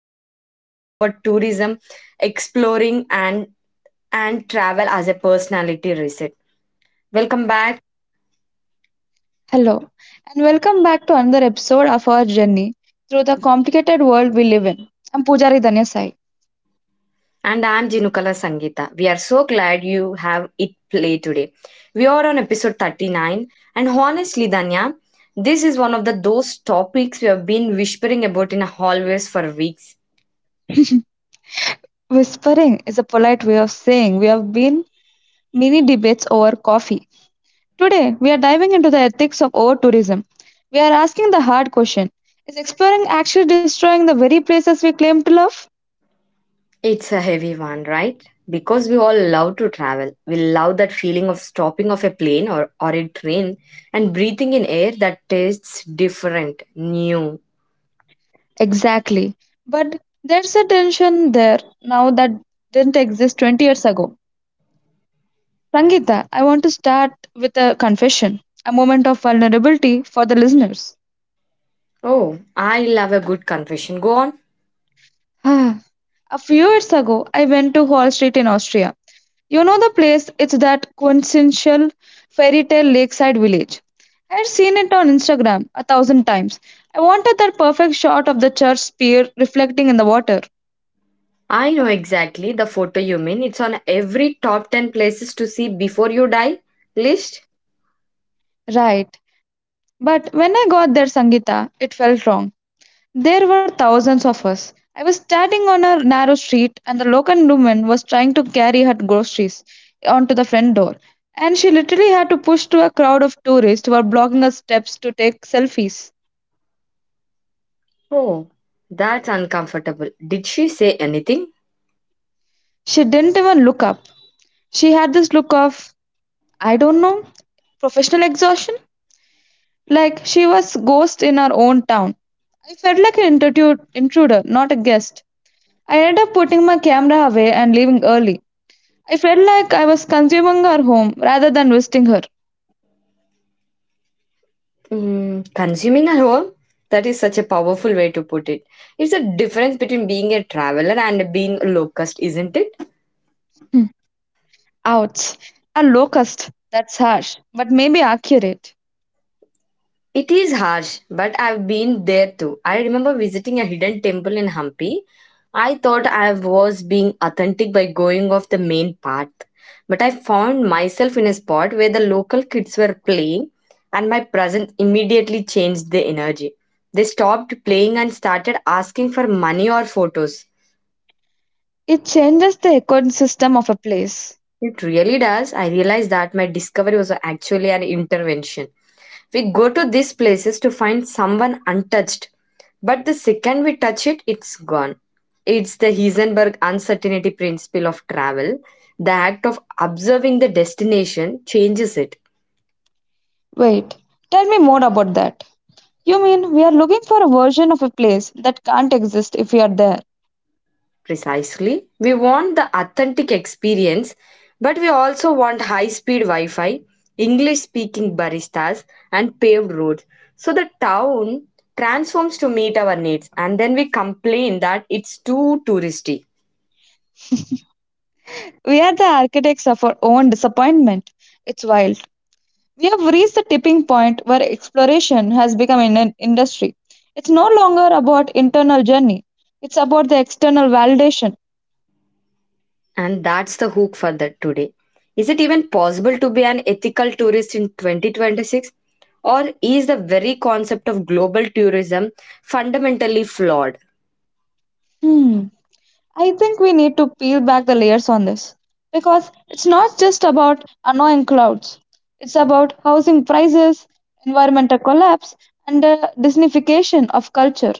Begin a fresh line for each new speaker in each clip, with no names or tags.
another episode over tourism, exploring, and travel as a personality reset. Welcome back,
Hello, and welcome back to another episode of our journey through the complicated world we live in. I'm Pujari Danya
and I'm Jinukala Sangeeta. We are so glad you have it play today. We are on episode 39, and honestly, Danya, this is one of the those topics we have been whispering about in hallways for weeks.
Whispering is a polite way of saying we have been mini debates over coffee. Today, we are diving into the ethics of over tourism. We are asking the hard question, is exploring actually destroying the very places we claim to love?
It's a heavy one, right? Because we all love to travel. We love that feeling of stopping off a plane or a train and breathing in air that tastes different, new.
Exactly. But there's a tension there now that didn't exist 20 years ago. Sangeeta, I want to start with a confession, a moment of vulnerability for the listeners.
Oh, I love a good confession. Go on.
A few years ago, I went to Hall Street in Austria. You know the place, it's that quintessential fairy tale lakeside village. I had seen it on Instagram a thousand times. I wanted that perfect shot of the church pier reflecting in the water.
I know exactly the photo you mean. It's on every top 10 places to see before you die list.
Right. But when I got there, Sangeeta, it felt wrong. There were thousands of us. I was standing on a narrow street, and the local woman was trying to carry her groceries onto the front door. And she literally had to push through a crowd of tourists who were blocking her steps to take selfies.
Oh, that's uncomfortable. Did she say anything?
She didn't even look up. She had this look of, I don't know, professional exhaustion. Like she was ghost in her own town. I felt like intruder, not a guest. I ended up putting my camera away and leaving early. I felt like I was consuming her home rather than visiting her.
Mm, consuming at home? That is such a powerful way to put it. It's a difference between being a traveler and being a locust, isn't it?
Hmm. Ouch. A locust. That's harsh, but maybe accurate.
It is harsh, but I've been there too. I remember visiting a hidden temple in Hampi. I thought I was being authentic by going off the main path, but I found myself in a spot where the local kids were playing, and my presence immediately changed the energy. They stopped playing and started asking for money or photos.
It changes the ecosystem of a place.
It really does. I realized that my discovery was actually an intervention. We go to these places to find someone untouched, but the second we touch it, it's gone. It's the Heisenberg uncertainty principle of travel. The act of observing the destination changes it.
Wait, tell me more about that. You mean we are looking for a version of a place that can't exist if we are there?
Precisely. We want the authentic experience, but we also want high speed Wi Fi, English speaking baristas, and paved roads. So the town transforms to meet our needs, and then we complain that it's too touristy.
We are the architects of our own disappointment. It's wild. We have reached the tipping point where exploration has become an industry. It's no longer about internal journey. It's about the external validation.
And that's the hook for that today. Is it even possible to be an ethical tourist in 2026? Or is the very concept of global tourism fundamentally flawed?
Hmm. I think we need to peel back the layers on this because it's not just about annoying clouds. It's about housing prices, environmental collapse, and the Disneyfication of culture.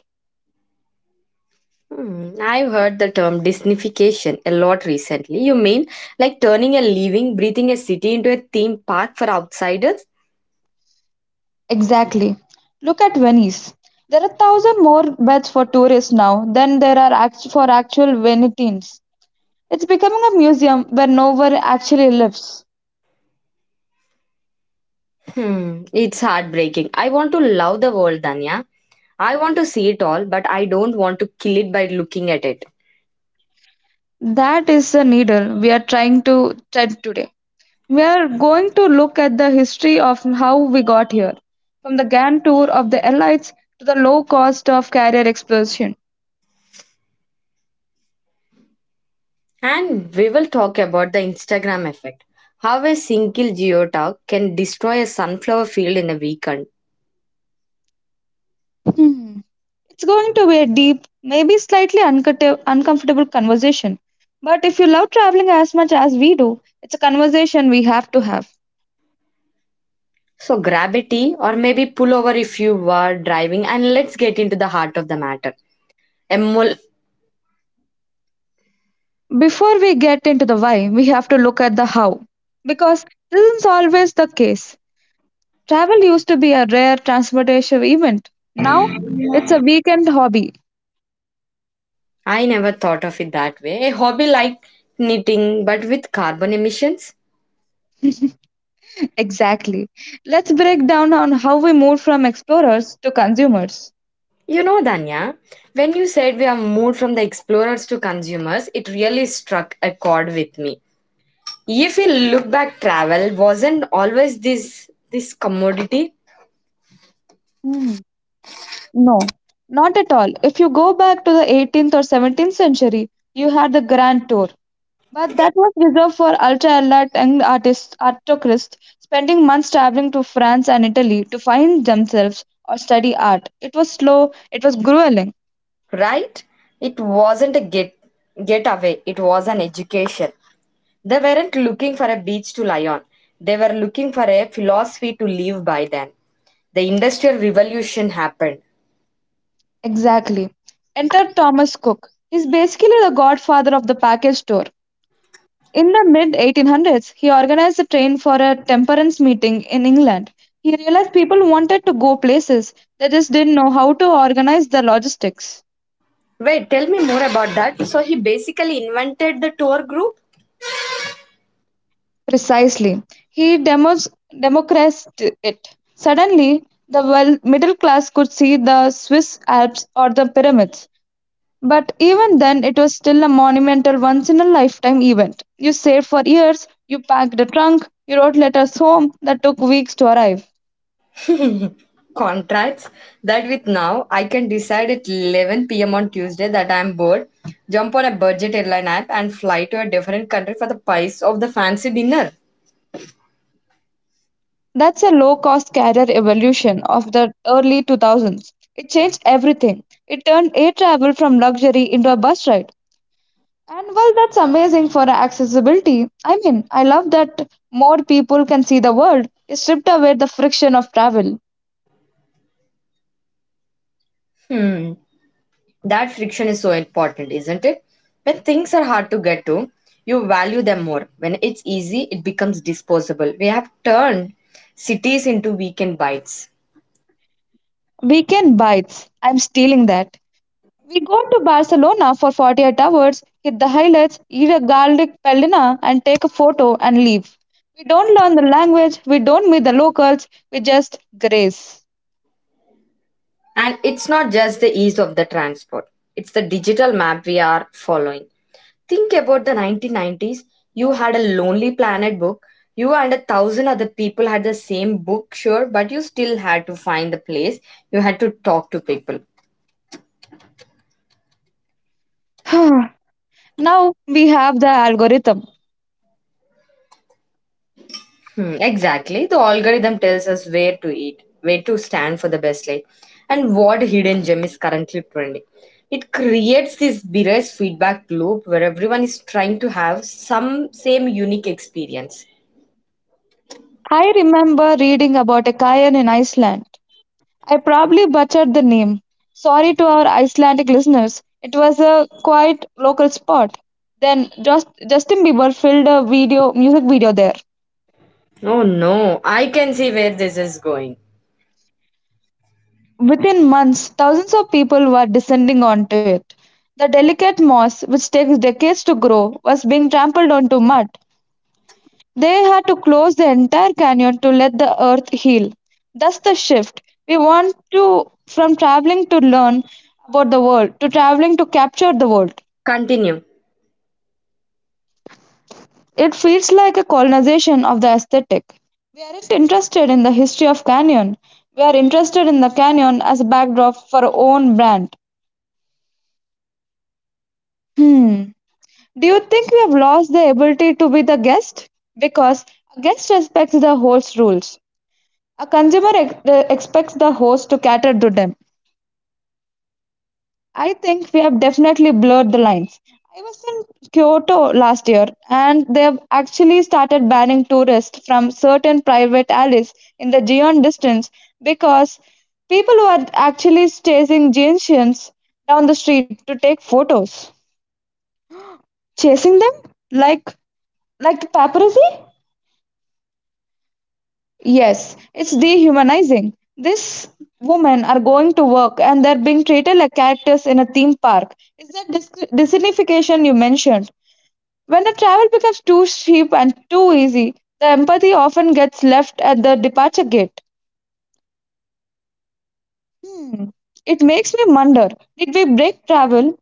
Hmm, I've heard the term Disneyfication a lot recently. You mean like turning a living, breathing a city into a theme park for outsiders?
Exactly. Look at Venice. There are thousand more beds for tourists now than there are for actual Venetians. It's becoming a museum where no one actually lives.
Hmm, it's heartbreaking. I want to love the world, Danya. I want to see it all, but I don't want to kill it by looking at it.
That is the needle we are trying to tread today. We are going to look at the history of how we got here, from the grand tour of the Allies to the low cost of carrier explosion.
And we will talk about the Instagram effect. How a single geotag can destroy a sunflower field in a weekend.
Hmm. It's going to be a deep, maybe slightly uncomfortable conversation. But if you love traveling as much as we do, it's a conversation we have to have.
So grab a tea or maybe pull over if you are driving and let's get into the heart of the matter. Emo-
Before we get into the why, we have to look at the how. Because this is always the case. Travel used to be a rare transportation event. Now, it's a weekend hobby.
I never thought of it that way. A hobby like knitting, but with carbon emissions?
Exactly. Let's break down on how we moved from explorers to consumers.
You know, Danya, when you said we have moved from the explorers to consumers, it really struck a chord with me. If we look back, travel wasn't always this commodity,
Hmm. No, not at all. If you go back to the 18th or 17th century, you had the Grand Tour, but that was reserved for ultra elite young artists, aristocrats, spending months traveling to France and Italy to find themselves or study art. It was slow, it was grueling.
right? It wasn't a get away, it was an education. They weren't looking for a beach to lie on. They were looking for a philosophy to live by then the industrial revolution happened.
Exactly. Enter Thomas Cook. He's basically the godfather of the package tour. In the mid 1800s, he organized a train for a temperance meeting in England. He realized people wanted to go places, they just didn't know how to organize the logistics.
Wait, tell me more about that. So he basically invented the tour group
Precisely. He democratized it. Suddenly, the middle class could see the Swiss Alps or the pyramids. But even then, it was still a monumental once in a lifetime event. You saved for years, you packed a trunk, you wrote letters home that took weeks to arrive.
contracts that with now I can decide at 11 p.m. on Tuesday that I'm bored, jump on a budget airline app and fly to a different country for the price of the fancy dinner.
That's a low-cost carrier evolution of the early 2000s. It changed everything. It turned air travel from luxury into a bus ride. And well, that's amazing for accessibility, I mean, I love that more people can see the world. It stripped away the friction of travel.
Hmm, that friction is so important, isn't it? When things are hard to get to, you value them more. When it's easy, it becomes disposable. We have turned cities into weekend bites.
Weekend bites. I'm stealing that. We go to Barcelona for 48 hours, hit the highlights, eat a garlic pelina, and take a photo and leave. We don't learn the language, we don't meet the locals, we just graze.
And it's not just the ease of the transport, it's the digital map we are following. Think about the 1990s. You had a Lonely Planet book. You and a thousand other people had the same book, sure, but you still had to find the place. You had to talk to people.
Now we have the algorithm.
Hmm, exactly. The algorithm tells us where to eat, where to stand for the best light, and what hidden gem is currently trending. It creates this biased feedback loop where everyone is trying to have some same unique experience.
I remember reading about a cayenne in Iceland. I probably butchered the name. Sorry to our Icelandic listeners. It was a quite local spot. Then just Justin Bieber filmed a video music video there.
Oh no, I can see where this is going.
Within months, thousands of people were descending onto it. The delicate moss, which takes decades to grow, was being trampled onto mud. They had to close the entire canyon to let the earth heal. That's the shift. We want to from traveling to learn about the world to traveling to capture the world.
Continue.
It feels like a colonization of the aesthetic. We aren't interested in the history of canyon. We are interested in the canyon as a backdrop for our own brand. Hmm. Do you think we have lost the ability to be the guest? Because a guest respects the host's rules. A consumer expects the host to cater to them. I think we have definitely blurred the lines. I was in Kyoto last year, and they've actually started banning tourists from certain private alleys in the Gion distance because people were actually chasing Gentians down the street to take photos. Chasing them? Like, like the paparazzi? Yes, it's dehumanizing. These women are going to work and they're being treated like characters in a theme park. Is that dissignification you mentioned? When a travel becomes too cheap and too easy, the empathy often gets left at the departure gate. Hmm. It makes me wonder, did we break travel?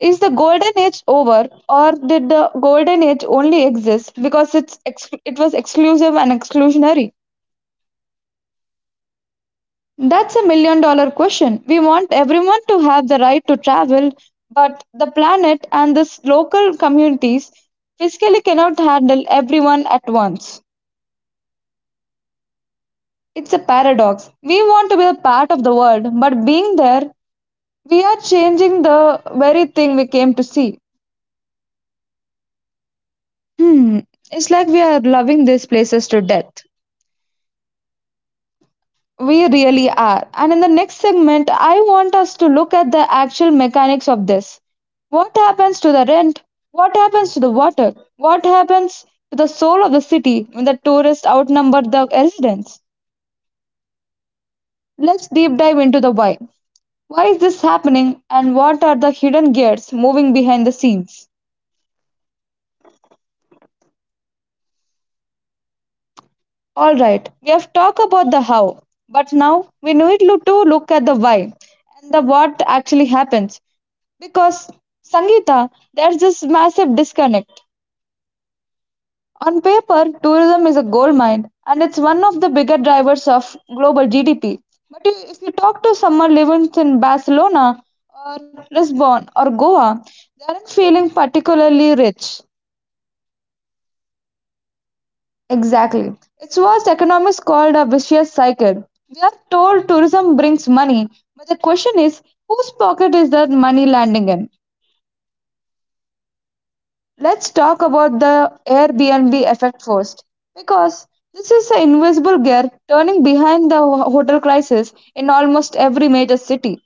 Is the golden age over, or did the golden age only exist because it was exclusive and exclusionary? That's a $1 million question. We want everyone to have the right to travel, but the planet and the local communities physically cannot handle everyone at once. It's a paradox. We want to be a part of the world, but being there, we are changing the very thing we came to see. Hmm, it's like we are loving these places to death. We really are. And in the next segment, I want us to look at the actual mechanics of this. What happens to the rent? What happens to the water? What happens to the soul of the city when the tourists outnumber the residents? Let's deep dive into the why. Why is this happening and what are the hidden gears moving behind the scenes? Alright, we have talked about the how, but now we need to look at the why and the what actually happens. Because, Sangeeta, there's this massive disconnect. On paper, tourism is a gold mine and it's one of the bigger drivers of global GDP. But if you talk to someone living in Barcelona or Lisbon or Goa, they aren't feeling particularly rich. Exactly. It's what economists called a vicious cycle. We are told tourism brings money, but the question is whose pocket is that money landing in? Let's talk about the Airbnb effect first, because this is an invisible gear turning behind the hotel crisis in almost every major city.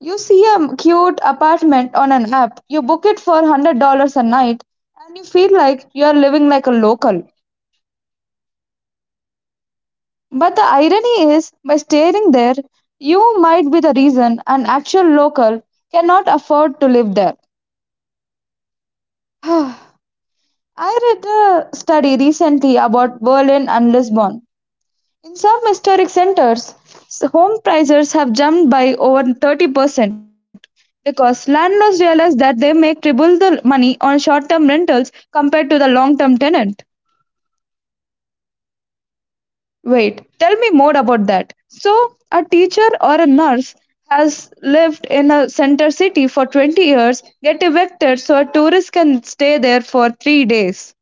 You see a cute apartment on an app, you book it for $100 a night, and you feel like you are living like a local. But the irony is, by staying there, you might be the reason an actual local cannot afford to live there. I read a study recently about Berlin and Lisbon. In some historic centers, home prices have jumped by over 30% because landlords realize that they make triple the money on short term rentals compared to the long term tenant. Wait, tell me more about that. So, a teacher or a nurse has lived in a center city for 20 years, get evicted so a tourist can stay there for 3 days.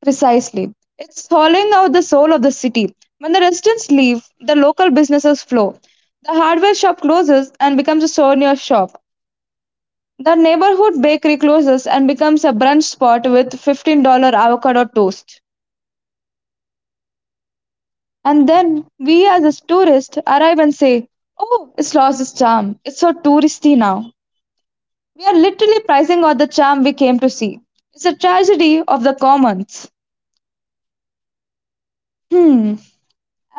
Precisely. It's hollowing out the soul of the city. When the residents leave, the local businesses flow. The hardware shop closes and becomes a souvenir shop. The neighborhood bakery closes and becomes a brunch spot with $15 avocado toast. And then we as a tourist, arrive and say, oh, it's lost its charm. It's so touristy now. We are literally pricing out the charm we came to see. It's a tragedy of the commons. Hmm.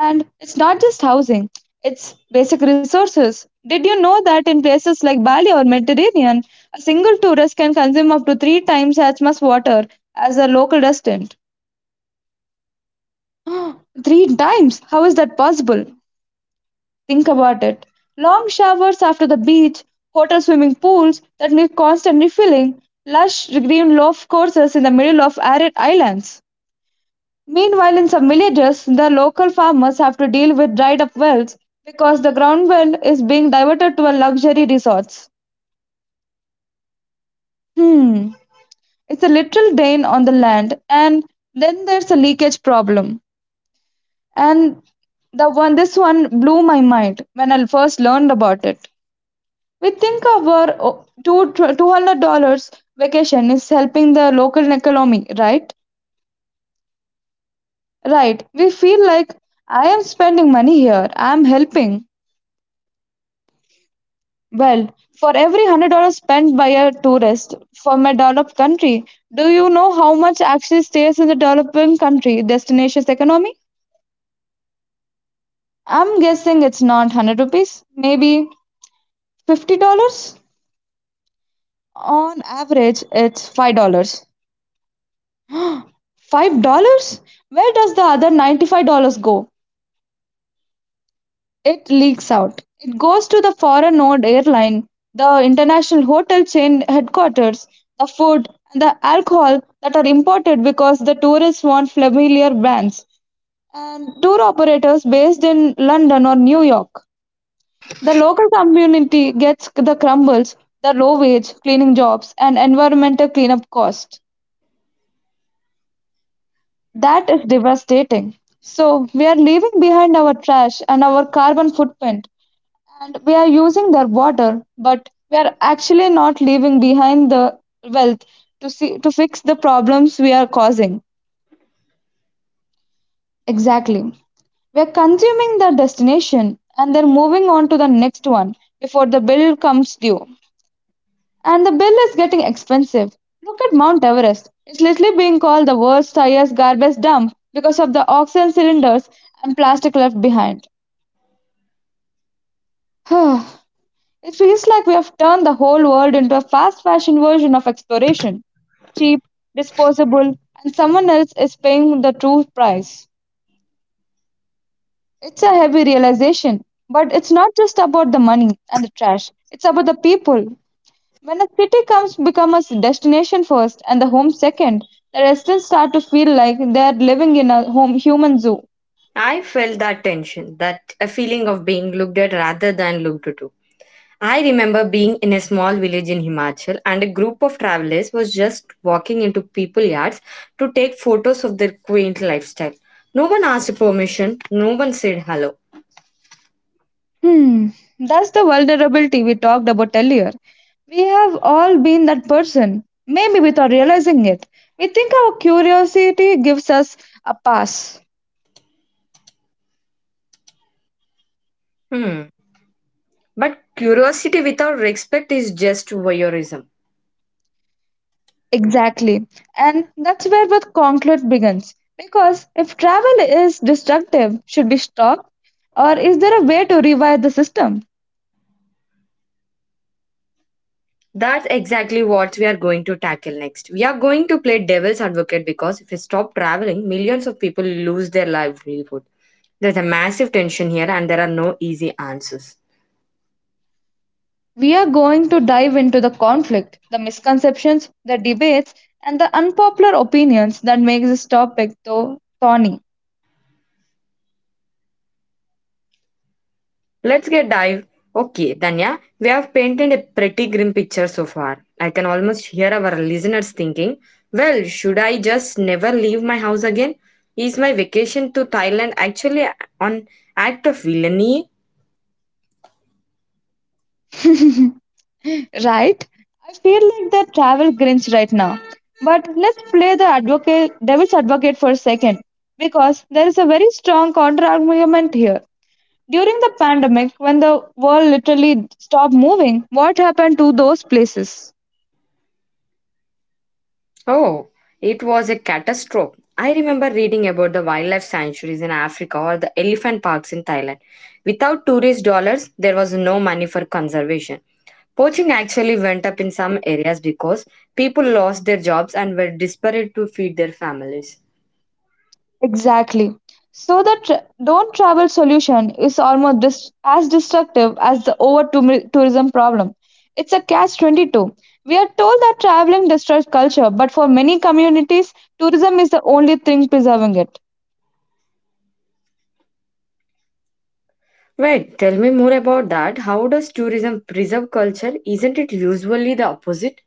And it's not just housing, it's basic resources. Did you know that in places like Bali or Mediterranean, a single tourist can consume up to three times as much water as a local resident? Three times? How is that possible? Think about it. Long showers after the beach, hotel swimming pools that need constant refilling, lush green golf courses in the middle of arid islands. Meanwhile, in some villages, the local farmers have to deal with dried up wells because the ground well is being diverted to a luxury resorts. Hmm, it's a literal drain on the land, and then there's a leakage problem. And the one this one blew my mind when I first learned about it. We think our two hundred dollars vacation is helping the local economy, right? Right. We feel like I am spending money here. I am helping. Well, for every $100 spent by a tourist from a developed country, do you know how much actually stays in the developing country destination's economy? I'm guessing it's not hundred rupees, maybe $50. On average, it's $5. $5? Where does the other $95 go? It leaks out. It goes to the foreign owned airline, the international hotel chain headquarters, the food, and the alcohol that are imported because the tourists want familiar brands, and tour operators based in London or New York. The local community gets the crumbles, the low wage cleaning jobs, and environmental cleanup costs. That is devastating. So, we are leaving behind our trash and our carbon footprint, and we are using their water, but we are actually not leaving behind the wealth to, see, to fix the problems we are causing. Exactly. We are consuming their destination and they're moving on to the next one before the bill comes due. And the bill is getting expensive. Look at Mount Everest. It's literally being called the world's highest garbage dump because of the oxygen cylinders and plastic left behind. It feels like we have turned the whole world into a fast fashion version of exploration, cheap, disposable, and someone else is paying the true price. It's a heavy realization, but it's not just about the money and the trash, it's about the people. When a city comes becomes a destination first and the home second, the residents start to feel like they are living in a home human zoo.
I felt that tension, that a feeling of being looked at rather than looked to. I remember being in a small village in Himachal and a group of travelers was just walking into people yards to take photos of their quaint lifestyle. No one asked permission, no one said hello.
Hmm, that's the vulnerability we talked about earlier. We have all been that person, maybe without realizing it. We think our curiosity gives us a pass.
Hmm. But curiosity without respect is just voyeurism.
Exactly. And that's where the conflict begins. Because if travel is destructive, should we stop? Or is there a way to rewire the system?
That's exactly what we are going to tackle next. We are going to play devil's advocate because if we stop traveling, millions of people lose their livelihood. There's a massive tension here and there are no easy answers.
We are going to dive into the conflict, the misconceptions, the debates, and the unpopular opinions that make this topic so thorny.
Let's get dive. Okay, Danya, we have painted a pretty grim picture so far. I can almost hear our listeners thinking, well, should I just never leave my house again? Is my vacation to Thailand actually an act of villainy?
Right? I feel like the travel grinch right now. But let's play the devil's advocate for a second, because there is a very strong counter argument here. During the pandemic, when the world literally stopped moving, what happened to those places?
Oh, it was a catastrophe. I remember reading about the wildlife sanctuaries in Africa or the elephant parks in Thailand. Without tourist dollars, there was no money for conservation. Poaching actually went up in some areas because people lost their jobs and were desperate to feed their families.
Exactly. So the don't travel solution is almost as destructive as the over tourism problem. It's a catch 22. We are told that traveling destroys culture, but for many communities, tourism is the only thing preserving it.
Wait, tell me more about that. How does tourism preserve culture? Isn't it usually the opposite?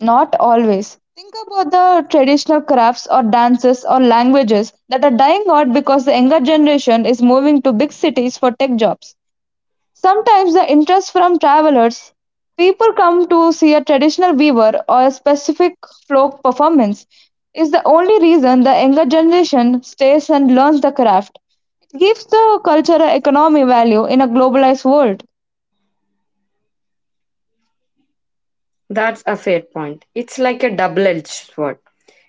Not always. Think about the traditional crafts or dances or languages that are dying out because the younger generation is moving to big cities for tech jobs. Sometimes the interest from travelers, people come to see a traditional weaver or a specific folk performance, is the only reason the younger generation stays and learns the craft. It gives the culture and economic value in a globalized world.
That's a fair point. It's like a double edged sword.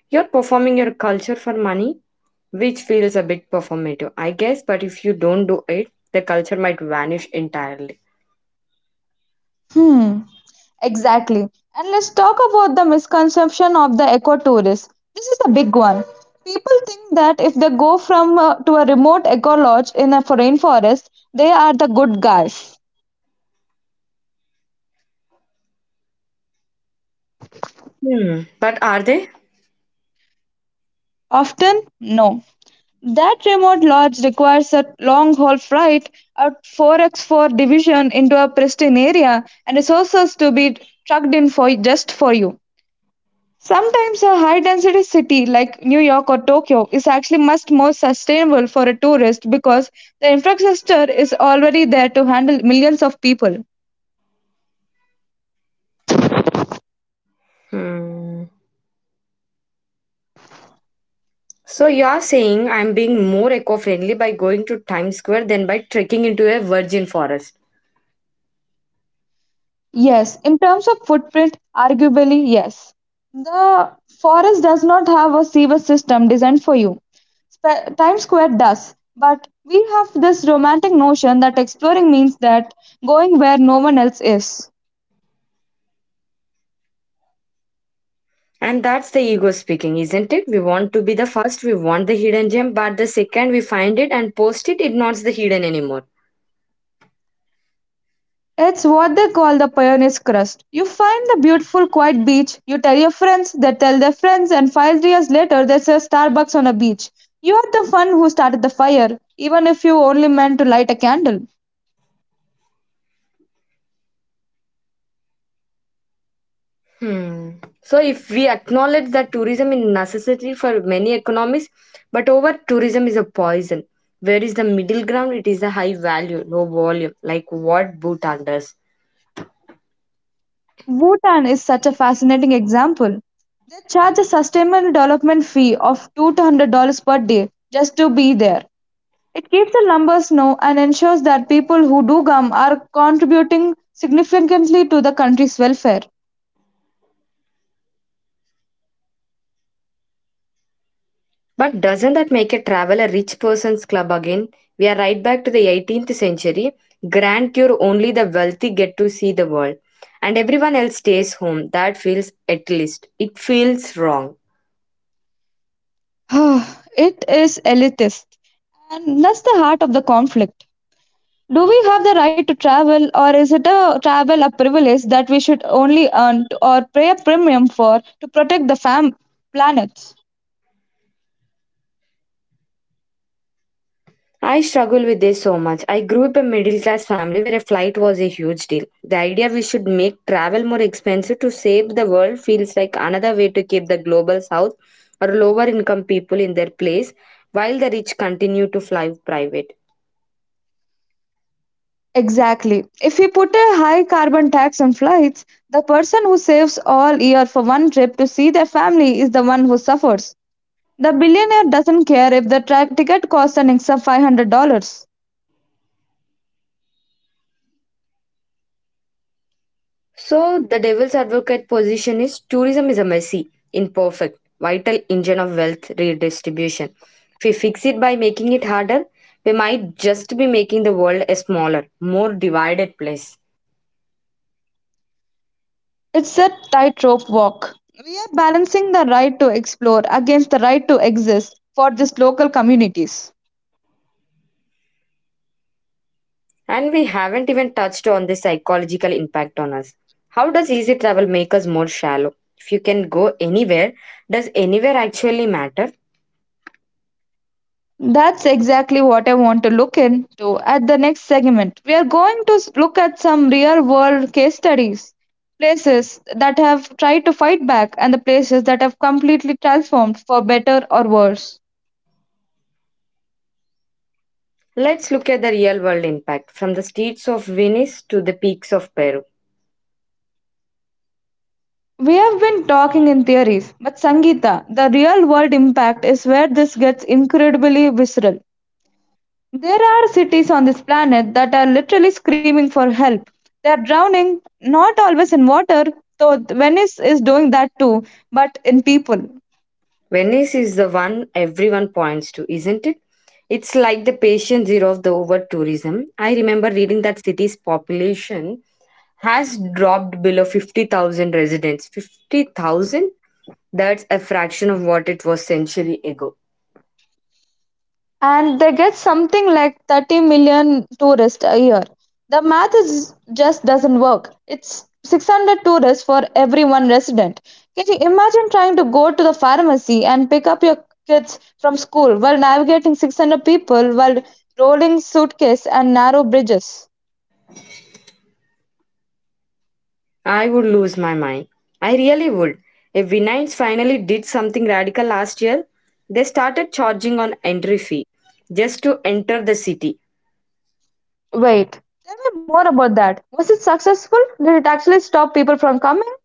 You're performing your culture for money, which feels a bit performative, I guess, but if you don't do it, the culture might vanish entirely.
Hmm, exactly. And let's talk about the misconception of the ecotourist. This is the big one. People think that if they go from to a remote eco lodge in a foreign forest, they are the good guys.
Hmm. But are they?
Often, no. That remote lodge requires a long-haul flight, a 4x4 division into a pristine area, and resources to be trucked in for just for you. Sometimes a high-density city like New York or Tokyo is actually much more sustainable for a tourist because the infrastructure is already there to handle millions of people.
Hmm. So you're saying I'm being more eco friendly by going to Times Square than by trekking into a virgin forest.
Yes, in terms of footprint, arguably yes. The forest does not have a sewage system designed for you. Times Square does, but we have this romantic notion that exploring means that going where no one else is.
And that's the ego speaking, isn't it? We want to be the first, we want the hidden gem, but the second we find it and post it, it's not the hidden anymore.
It's what they call the pioneer's crust. You find the beautiful quiet beach, you tell your friends, they tell their friends, and 5 years later there's a Starbucks on a beach. You are the one who started the fire, even if you only meant to light a candle.
Hmm. So, if we acknowledge that tourism is necessary for many economies, but over tourism is a poison. Where is the middle ground? It is a high value, low volume, like what Bhutan does.
Bhutan is such a fascinating example. They charge a sustainable development fee of $200 per day just to be there. It keeps the numbers low and ensures that people who do come are contributing significantly to the country's welfare.
But doesn't that make a travel a rich person's club again? We are right back to the 18th century. Grant cure only the wealthy get to see the world, and everyone else stays home. That feels at least it feels wrong.
It is elitist, and that's the heart of the conflict. Do we have the right to travel, or is it a travel a privilege that we should only earn or pay a premium for to protect the planet?
I struggle with this so much. I grew up in a middle class family where a flight was a huge deal. The idea we should make travel more expensive to save the world feels like another way to keep the global south or lower income people in their place while the rich continue to fly private.
Exactly. If we put a high carbon tax on flights, the person who saves all year for one trip to see their family is the one who suffers. The billionaire doesn't care if the ticket costs an extra $500.
So, the devil's advocate position is tourism is a messy, imperfect, vital engine of wealth redistribution. If we fix it by making it harder, we might just be making the world a smaller, more divided place.
It's a tightrope walk. We are balancing the right to explore against the right to exist for these local communities.
And we haven't even touched on the psychological impact on us. How does easy travel make us more shallow? If you can go anywhere, does anywhere actually matter?
That's exactly what I want to look into at the next segment. We are going to look at some real world case studies, places that have tried to fight back, and the places that have completely transformed for better or worse.
Let's look at the real world impact from the streets of Venice to the peaks of Peru.
We have been talking in theories, but Sangeeta, the real world impact is where this gets incredibly visceral. There are cities on this planet that are literally screaming for help. They are drowning, not always in water, though Venice is doing that too, but in people.
Venice is the one everyone points to, isn't it? It's like the patient zero of the over tourism. I remember reading that city's population has dropped below 50,000 residents. 50,000? That's a fraction of what it was century ago.
And they get something like 30 million tourists a year. The math is just doesn't work. It's 600 tourists for every one resident. Can you imagine trying to go to the pharmacy and pick up your kids from school while navigating 600 people while rolling suitcase and narrow bridges?
I would lose my mind. I really would. If Vinines finally did something radical last year, they started charging on entry fee just to enter the city.
Wait, tell me more about that. Was it successful? Did it actually stop people from coming?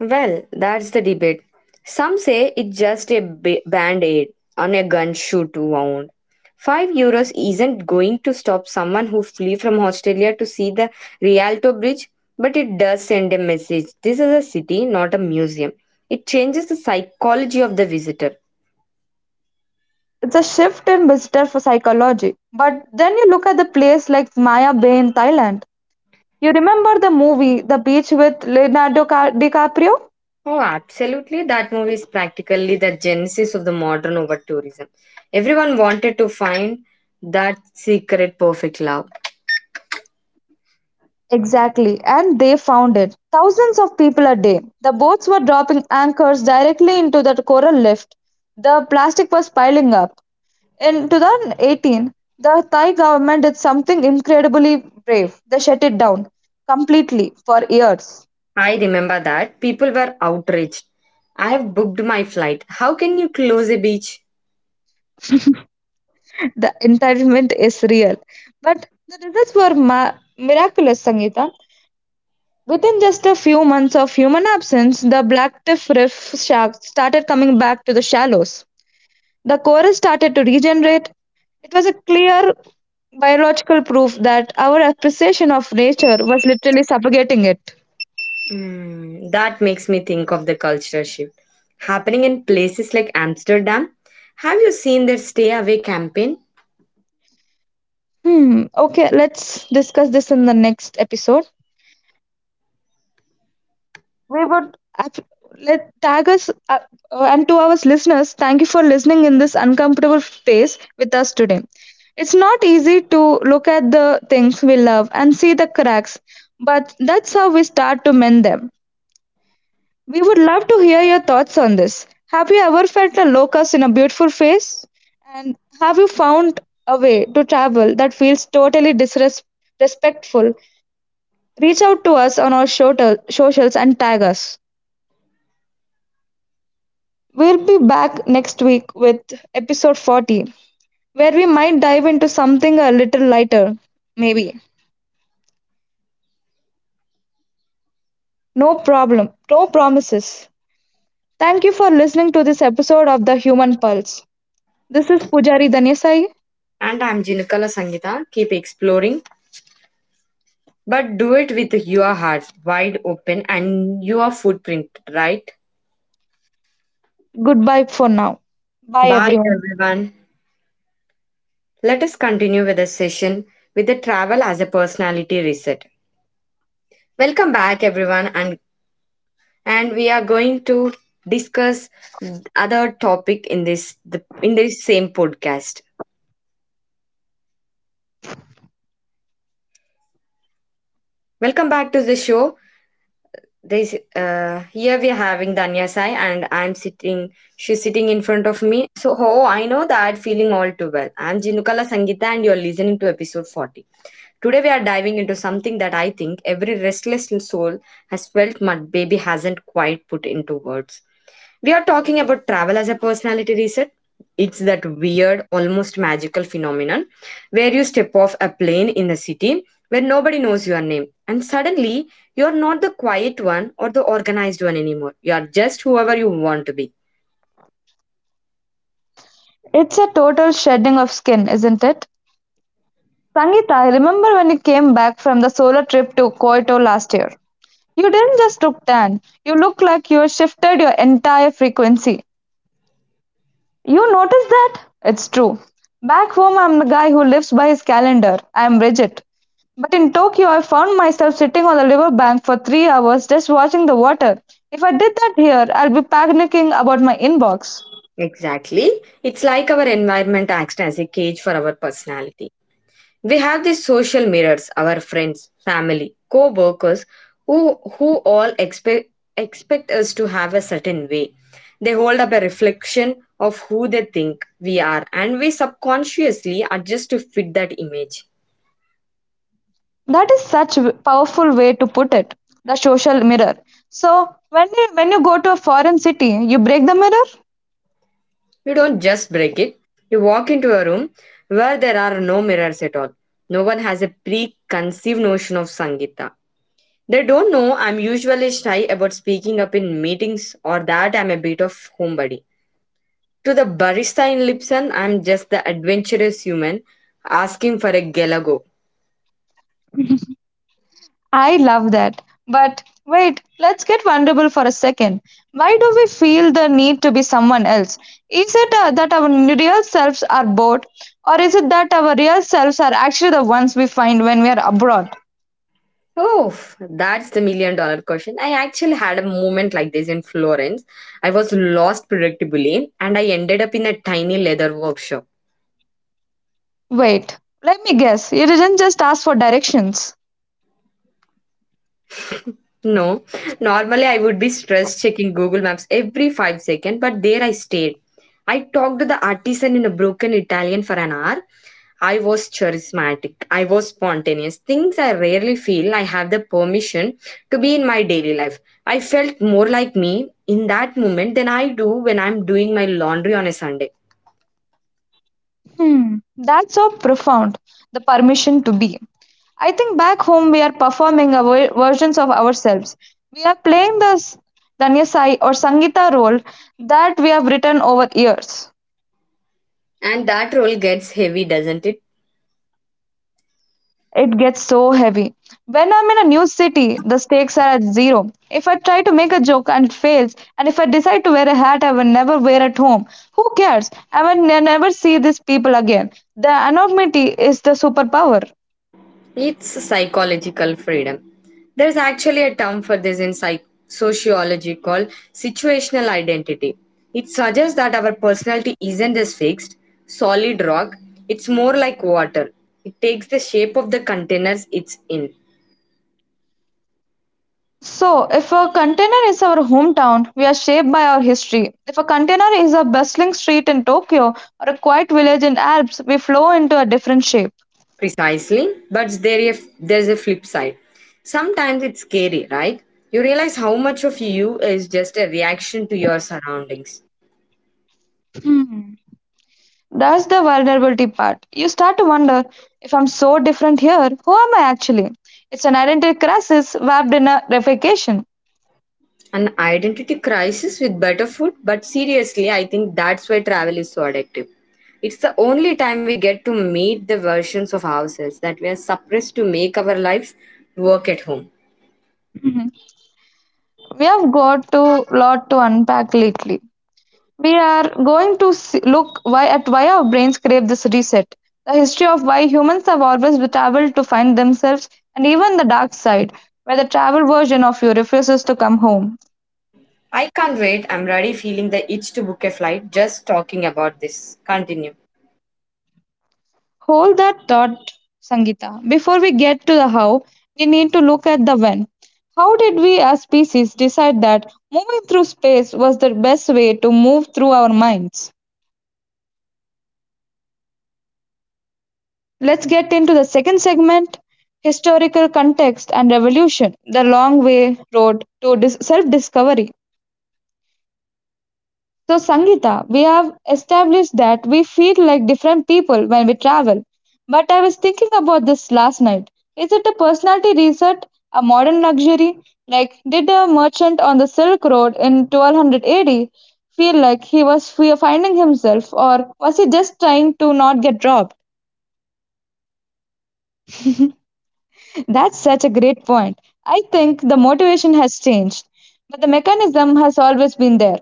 Well, that's the debate. Some say it's just a ba- band aid on a gun shoot wound. €5 isn't going to stop someone who flee from Australia to see the Rialto Bridge, but it does send a message. This is a city, not a museum. It changes the psychology of the visitor.
It's a shift in visitor for psychology. But then you look at the place like Maya Bay in Thailand. You remember the movie The Beach with Leonardo DiCaprio?
Oh, absolutely. That movie is practically the genesis of the modern over tourism. Everyone wanted to find that secret perfect love.
Exactly, and they found it. Thousands of people a day. The boats were dropping anchors directly into the coral lift. The plastic was piling up. In 2018, the Thai government did something incredibly brave. They shut it down completely for years.
I remember that. People were outraged. I have booked my flight. How can you close a beach?
The entitlement is real. But the results were miraculous, Sangeeta. Within just a few months of human absence, the black tiff reef sharks started coming back to the shallows. The coral started to regenerate. It was a clear biological proof that our appreciation of nature was literally suffocating it.
Hmm, that makes me think of the cultural shift happening in places like Amsterdam. Have you seen their Stay Away campaign?
Hmm. Okay, let's discuss this in the next episode. We would let tag us and to our listeners. Thank you for listening in this uncomfortable phase with us today. It's not easy to look at the things we love and see the cracks, but that's how we start to mend them. We would love to hear your thoughts on this. Have you ever felt a locust in a beautiful face? And have you found a way to travel that feels totally disrespectful? Reach out to us on our socials and tag us. We'll be back next week with episode 40, where we might dive into something a little lighter. Maybe. No problem. No promises. Thank you for listening to this episode of The Human Pulse. This is Pujari Danyasai.
And I'm Jinukala Sangita. Keep exploring. But do it with your heart wide open and your footprint, right?
Goodbye for now. Bye,
Bye,
everyone.
everyone. Let us continue with the session with the travel as a personality reset. Welcome back, everyone, and we are going to discuss other topic in this same podcast. Welcome back to the show. This here we are having Danya Sai, and I'm sitting. She's sitting in front of me. So oh, I know that feeling all too well. I'm Jinukala Sangita, and you're listening to episode 40. Today we are diving into something that I think every restless soul has felt, but baby hasn't quite put into words. We are talking about travel as a personality reset. It's that weird, almost magical phenomenon where you step off a plane in a city where nobody knows your name, and suddenly you're not the quiet one or the organized one anymore. You are just whoever you want to be.
It's a total shedding of skin, isn't it? Sangeeta, I remember when you came back from the solo trip to Kyoto last year. You didn't just look tan, you look like you shifted your entire frequency. You notice that? It's true. Back home, I'm the guy who lives by his calendar. I'm rigid. But in Tokyo, I found myself sitting on the riverbank for 3 hours just watching the water. If I did that here, I'd be panicking about my inbox.
Exactly. It's like our environment acts as a cage for our personality. We have these social mirrors, our friends, family, co workers, who all expect us to have a certain way. They hold up a reflection of who they think we are, and we subconsciously adjust to fit that image.
That is such a powerful way to put it, the social mirror. So, when you go to a foreign city, you break the mirror?
You don't just break it, you walk into a room where there are no mirrors at all. No one has a preconceived notion of Sangita. They don't know I'm usually shy about speaking up in meetings or that I'm a bit of homebody. To the barista in Lipson, I'm just the adventurous human asking for a gelago.
I love that. But wait, let's get vulnerable for a second. Why do we feel the need to be someone else? Is it that our real selves are bored, or is it that our real selves are actually the ones we find when we are abroad?
Oh, that's the million-dollar question. I actually had a moment like this in Florence. I was lost predictably and I ended up in a tiny leather workshop.
Wait, let me guess. You didn't just ask for directions.
No, normally I would be stressed checking Google Maps every 5 seconds, but there I stayed. I talked to the artisan in a broken Italian for an hour. I was charismatic. I was spontaneous. Things I rarely feel I have the permission to be in my daily life. I felt more like me in that moment than I do when I'm doing my laundry on a Sunday.
Hmm, that's so profound. The permission to be. I think back home we are performing our versions of ourselves. We are playing the Danya Sai or Sangita role that we have written over years.
And that role gets heavy, doesn't it?
It gets so heavy. When I'm in a new city, the stakes are at zero. If I try to make a joke and it fails, and if I decide to wear a hat I will never wear at home, who cares? I will never see these people again. The anonymity is the superpower.
It's psychological freedom. There's actually a term for this in sociology called situational identity. It suggests that our personality isn't this fixed, solid rock, it's more like water. It takes the shape of the containers it's in.
So, if a container is our hometown, we are shaped by our history. If a container is a bustling street in Tokyo or a quiet village in Alps, we flow into a different shape.
Precisely, but there's a flip side. Sometimes it's scary, right? You realize how much of you is just a reaction to your surroundings.
That's the vulnerability part. You start to wonder, if I'm so different here, who am I actually? It's an identity crisis wrapped in a replication.
An identity crisis with better food, but seriously, I think that's why travel is so addictive. It's the only time we get to meet the versions of ourselves that we are suppressed to make our lives work at home.
Mhm. We have got a lot to unpack lately. We are going to see, look why at why our brains crave this reset, the history of why humans have always traveled to find themselves, and even the dark side, where the travel version of you refuses to come home.
I can't wait. I'm already feeling the itch to book a flight just talking about this. Continue.
Hold that thought, Sangita. Before we get to the how, we need to look at the when. How did we as species decide that moving through space was the best way to move through our minds? Let's get into the second segment, historical context and revolution, the long way road to self discovery. So, Sangita, we have established that we feel like different people when we travel. But I was thinking about this last night. Is it a personality reset, a modern luxury? Like, did a merchant on the Silk Road in 1200 AD feel like he was finding himself, or was he just trying to not get robbed? That's such a great point. I think the motivation has changed, but the mechanism has always been there.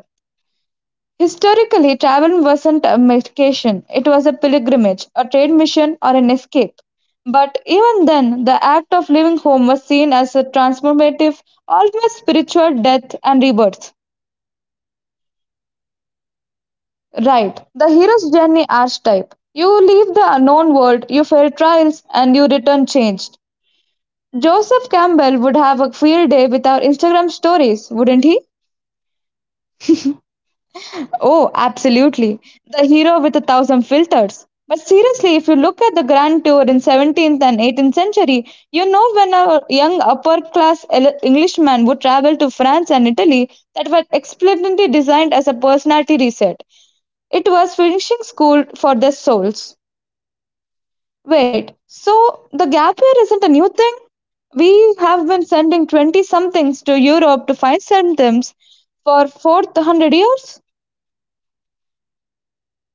Historically, travel wasn't a vacation, it was a pilgrimage, a trade mission, or an escape. But even then, the act of leaving home was seen as a transformative, almost spiritual death and rebirth. Right, the hero's journey archetype. You leave the unknown world, you fail trials, and you return changed. Joseph Campbell would have a field day with our Instagram stories, wouldn't he? Oh, absolutely. The hero with a thousand filters. But seriously, if you look at the grand tour in 17th and 18th century, you know, when a young upper class Englishman would travel to France and Italy, that were explicitly designed as a personality reset. It was finishing school for their souls. Wait, so the gap year isn't a new thing? We have been sending 20 somethings to Europe to find symptoms for 400 years?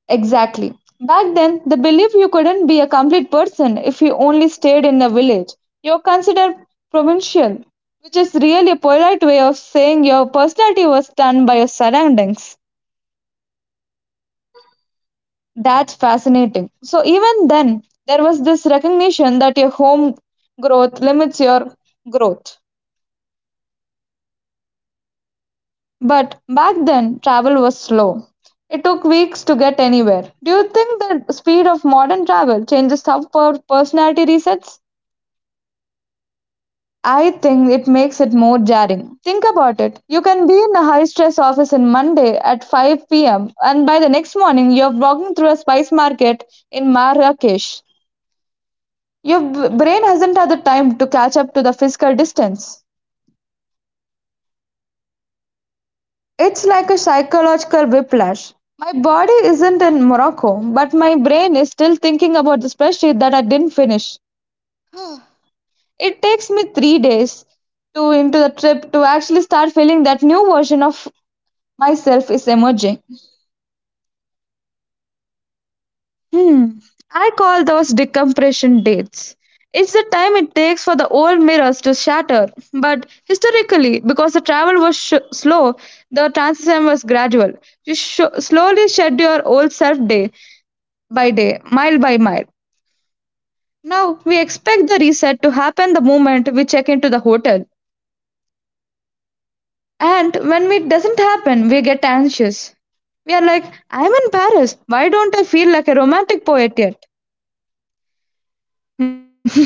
Exactly. Back then, the belief you couldn't be a complete person if you only stayed in a village. You're considered provincial, which is really a polite way of saying your personality was done by your surroundings. That's fascinating. So, even then, there was this recognition that your home growth limits your growth. But back then, travel was slow. It took weeks to get anywhere. Do you think the speed of modern travel changes how personality resets? I think it makes it more jarring. Think about it. You can be in a high stress office on Monday at 5 p.m., and by the next morning, you're walking through a spice market in Marrakesh. Your brain hasn't had the time to catch up to the physical distance. It's like a psychological whiplash. My body isn't in Morocco, but my brain is still thinking about the spreadsheet that I didn't finish. It takes me 3 days to into the trip to actually start feeling that new version of myself is emerging. Hmm. I call those decompression dates. It's the time it takes for the old mirrors to shatter. But historically, because the travel was slow, the transition was gradual. You slowly shed your old self day by day, mile by mile. Now we expect the reset to happen the moment we check into the hotel. And when it doesn't happen, we get anxious. We are like, I'm in Paris. Why don't I feel like a romantic poet yet?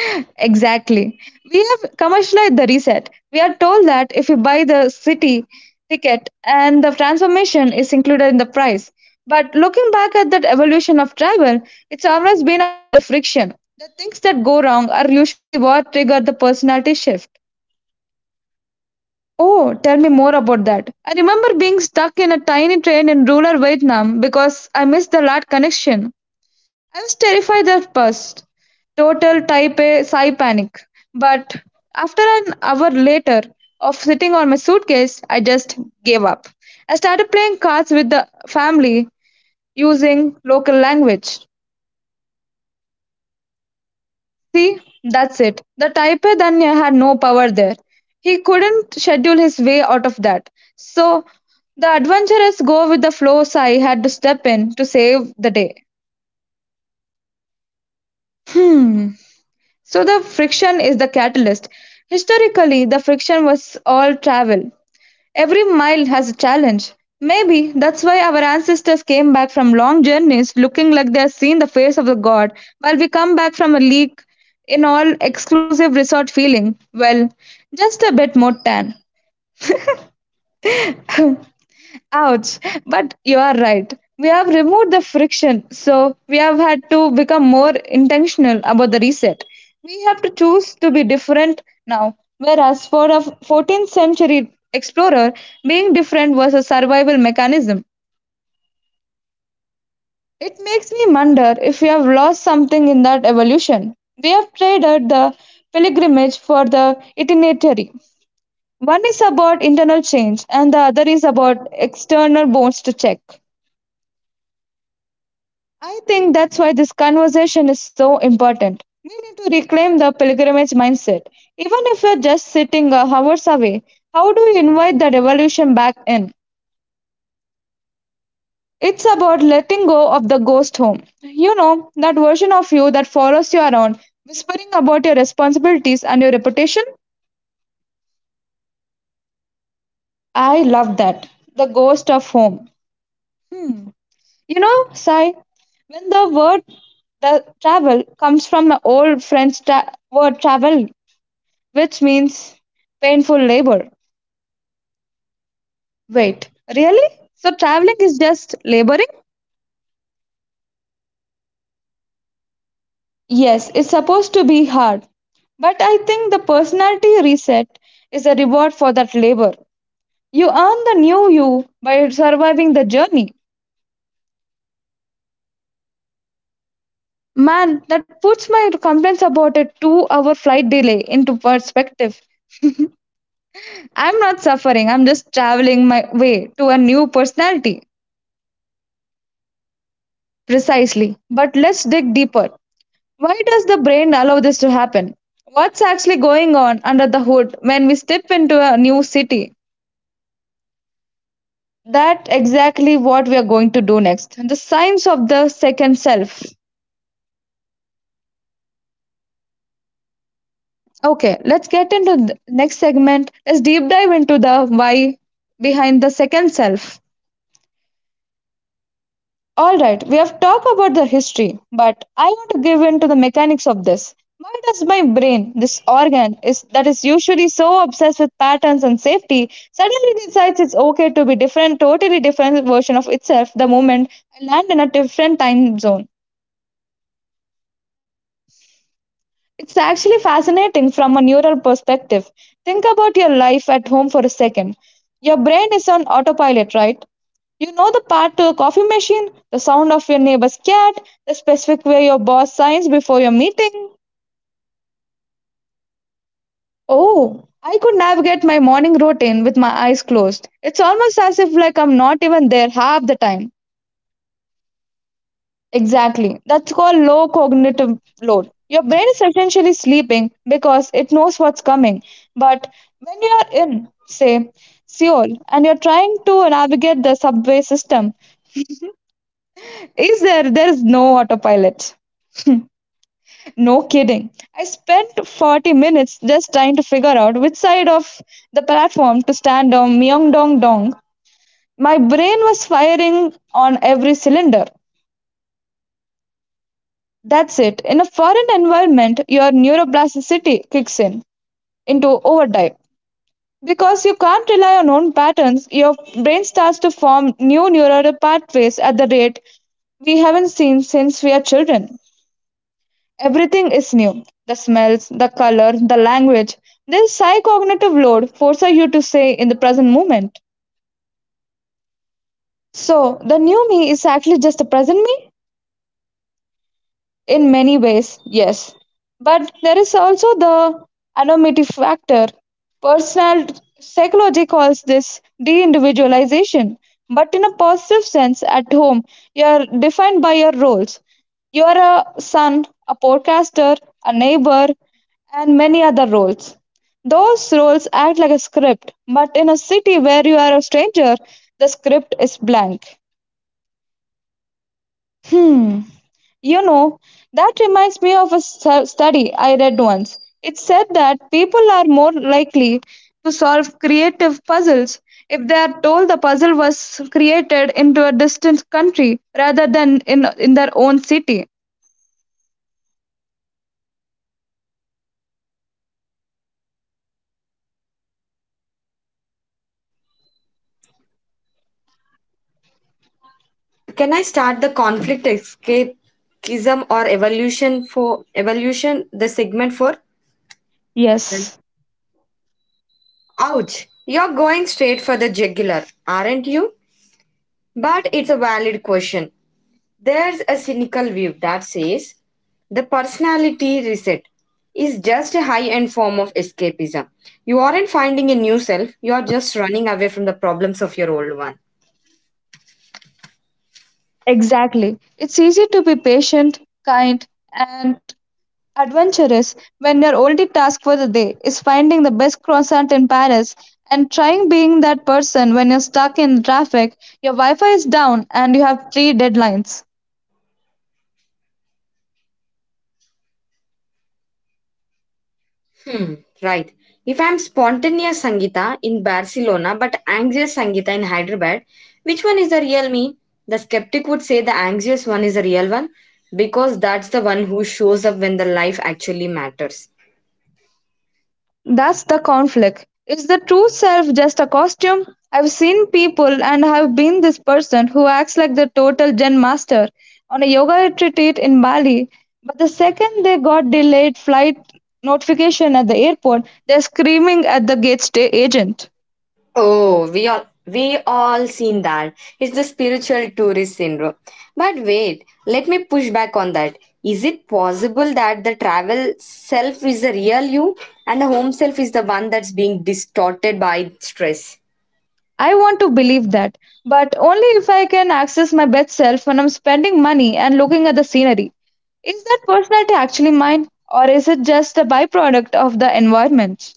Exactly. We have commercialized the reset. We are told that if you buy the city ticket and the transformation is included in the price. But looking back at that evolution of travel, it's always been about the friction. The things that go wrong are usually what trigger the personality shift. Oh, tell me more about that. I remember being stuck in a tiny train in rural Vietnam because I missed the last connection. I was terrified at first, total type A psi panic. But after an hour later of sitting on my suitcase, I just gave up. I started playing cards with the family using local language. See, that's it. The type A Danya had no power there. He couldn't schedule his way out of that. So the adventurous go with the flow Sai had to step in to save the day. Hmm. So the friction is the catalyst. Historically, the friction was all travel. Every mile has a challenge. Maybe that's why our ancestors came back from long journeys looking like they have seen the face of the god, while we come back from a leak in all exclusive resort feeling, well, just a bit more tan. Ouch. But you are right. We have removed the friction, so we have had to become more intentional about the reset. We have to choose to be different now. Whereas for a 14th century explorer, being different was a survival mechanism. It makes me wonder if we have lost something in that evolution. We have traded the pilgrimage for the itinerary. One is about internal change, and the other is about external bones to check. I think that's why this conversation is so important. We need to reclaim the pilgrimage mindset. Even if you're just sitting hours away, how do you invite the revolution back in? It's about letting go of the ghost home. You know that version of you that follows you around, whispering about your responsibilities and your reputation. I love that. The ghost of home. Hmm. You know, Sai, when the word the travel comes from the old French word travel, which means painful labor. Wait, really? So traveling is just laboring? Yes, it's supposed to be hard. But I think the personality reset is a reward for that labor. You earn the new you by surviving the journey. Man, that puts my complaints about a 2 hour flight delay into perspective. I'm not suffering, I'm just traveling my way to a new personality. Precisely. But let's dig deeper. Why does the brain allow this to happen? What's actually going on under the hood when we step into a new city? That exactly what we are going to do next. The science of the second self. Okay, let's get into the next segment. Let's deep dive into the why behind the second self. All right, we have talked about the history, but I want to give in to the mechanics of this. Why does my brain, this organ is that is usually so obsessed with patterns and safety, suddenly decides it's okay to be different, totally different version of itself the moment I land in a different time zone? It's actually fascinating from a neural perspective. Think about your life at home for a second. Your brain is on autopilot, right? You know the path to the coffee machine, the sound of your neighbor's cat, the specific way your boss signs before your meeting. Oh, I could navigate my morning routine with my eyes closed. It's almost as if like I'm not even there half the time. Exactly. That's called low cognitive load. Your brain is essentially sleeping because it knows what's coming. But when you are in, say, Seoul and you're trying to navigate the subway system, is there is no autopilot. No kidding. I spent 40 minutes just trying to figure out which side of the platform to stand on Myeongdong Dong. My brain was firing on every cylinder. That's it. In a foreign environment, your neuroplasticity kicks in into overdrive. Because you can't rely on known patterns, your brain starts to form new neural pathways at the rate we haven't seen since we are children. Everything is new the smells, the color, the language. This psychognitive load forces you to stay in the present moment. So, the new me is actually just the present me? In many ways, yes. But there is also the anonymity factor. Personal psychology calls this de individualization. But in a positive sense, at home, you are defined by your roles. You are a son, a podcaster, a neighbor, and many other roles. Those roles act like a script, but in a city where you are a stranger, the script is blank. Hmm. You know, that reminds me of a study I read once. It said that people are more likely to solve creative puzzles if they are told the puzzle was created into a distant country rather than in their own city.
Can I start the conflict escapism or evolution for evolution the segment for?
Yes,
Ouch, you're going straight for the jugular, aren't you? But it's a valid question. There's a cynical view that says the personality reset is just a high end form of escapism. You aren't finding a new self, you are just running away from the problems of your old one.
exactly. It's easy to be patient, kind, and adventurous when your only task for the day is finding the best croissant in Paris, and trying being that person when you're stuck in traffic, your Wi Fi is down, and you have three deadlines.
Hmm, right. If I'm spontaneous Sangita in Barcelona but anxious Sangita in Hyderabad, which one is the real me? The skeptic would say the anxious one is the real one because that's the one who shows up when the life actually matters.
That's the conflict. Is the true self just a costume? I've seen people and have been this person who acts like the total zen master on a yoga retreat in Bali, but the second they got delayed flight notification at the airport, they're screaming at the gate stay agent.
Oh, we all seen that. It's the spiritual tourist syndrome. But wait, let me push back on that. Is it possible that the travel self is the real you and the home self is the one that's being distorted by stress?
I want to believe that, but only if I can access my best self when I'm spending money and looking at the scenery. Is that personality actually mine, or is it just a byproduct of the environment?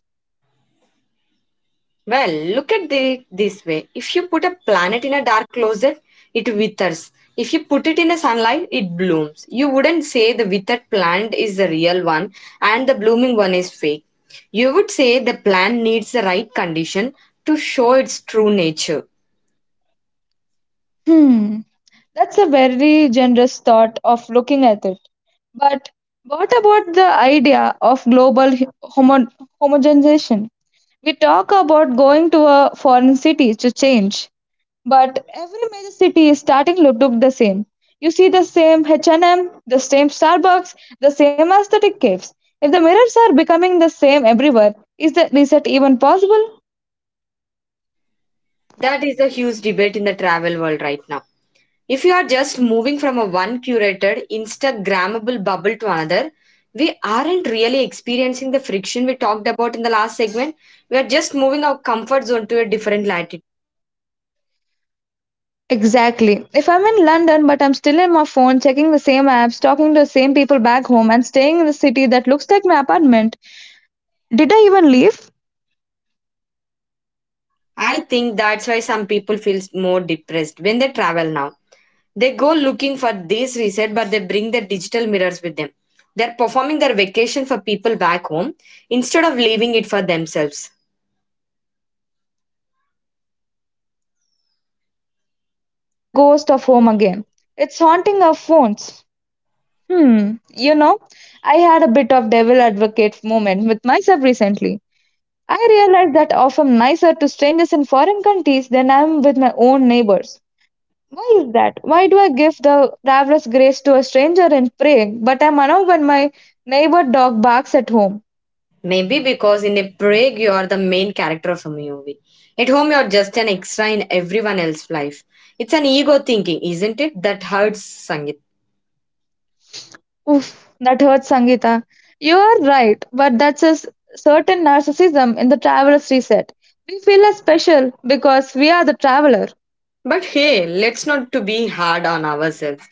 Well, look at it this way. If you put a planet in a dark closet, it withers. If you put it in a sunlight, it blooms. You wouldn't say the withered plant is the real one and the blooming one is fake. You would say the plant needs the right condition to show its true nature.
Hmm, that's a very generous thought of looking at it. But what about the idea of global homo- homogenization? We talk about going to a foreign city to change, but every major city is starting to look the same. You see the same H&M, the same Starbucks, the same aesthetic caves. If the mirrors are becoming the same everywhere, is the reset even possible?
That is a huge debate in the travel world right now. If you are just moving from a one curated, Instagrammable bubble to another, we aren't really experiencing the friction we talked about in the last segment. We are just moving our comfort zone to a different latitude.
Exactly. If I'm in London but I'm still in my phone checking the same apps, talking to the same people back home and staying in the city that looks like my apartment, did I even leave?
I think that's why some people feel more depressed when they travel now. They go looking for this reset, but they bring their digital mirrors with them.
They go
They're
looking
performing
for
their
this
vacation for
reset,
people
but they
back
bring their
home
digital
instead
mirrors
of
with them.
leaving it for
They're
themselves.
performing their vacation for people back home instead of living it for themselves. That's the ghost of home again. It's haunting our phones. Hmm, you know, I had a bit of devil advocate moment with myself recently. I realized that often nicer to strangers in foreign countries than I am with my own neighbors. Why is that? Why do I give the traveler's grace to a stranger and pray, but I'm annoyed when my neighbor dog barks at home?
Maybe because in a Prague you are the main character of a movie. At home you're just an extra in everyone else's life. It's an ego thinking, isn't it? That hurts Sangit.
Oof, that hurts, Sangita. You are right, but that's a certain narcissism in the traveler's reset. We feel as special because we are the traveler.
But hey, let's not to be hard on ourselves.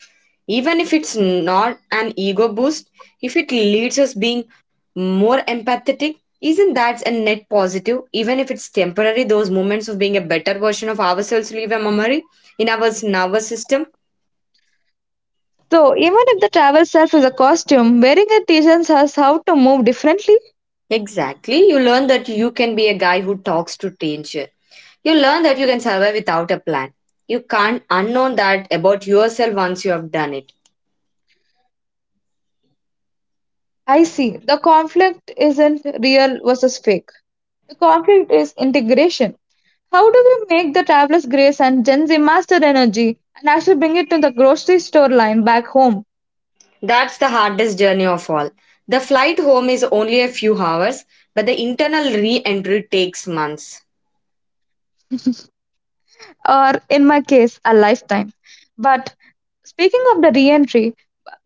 Even if it's not an ego boost, if it leads us being more empathetic, isn't that a net positive? Even if it's temporary, those moments of being a better version of ourselves leave a memory in our nervous system.
So, even if the travel self is a costume, wearing it teaches us how to move differently.
Exactly. You learn that you can be a guy who talks to danger. You learn that you can survive without a plan. You can't unknown that about yourself once you have done it.
I see. The conflict isn't real versus fake. The conflict is integration. How do we make the traveler's grace and Gen Z master energy and actually bring it to the grocery store line back home,
That's the hardest journey of all. The flight home is only a few hours, but the internal re entry takes months.
or in my case, a lifetime? But speaking of the re-entry,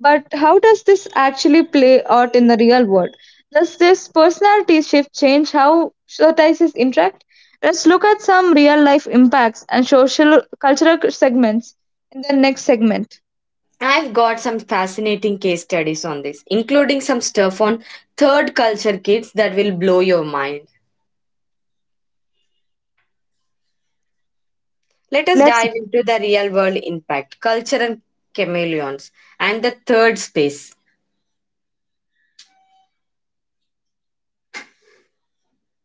but how does this actually play out in the real world? Does this personality shift change how societies interact? Let's look at some real life impacts and social cultural segments in the next segment.
I've got some fascinating case studies on this, including some stuff on third culture kids that will blow your mind. Let us
Let's.
dive into the real world impact, culture and chameleons, and the third space.
And the third space.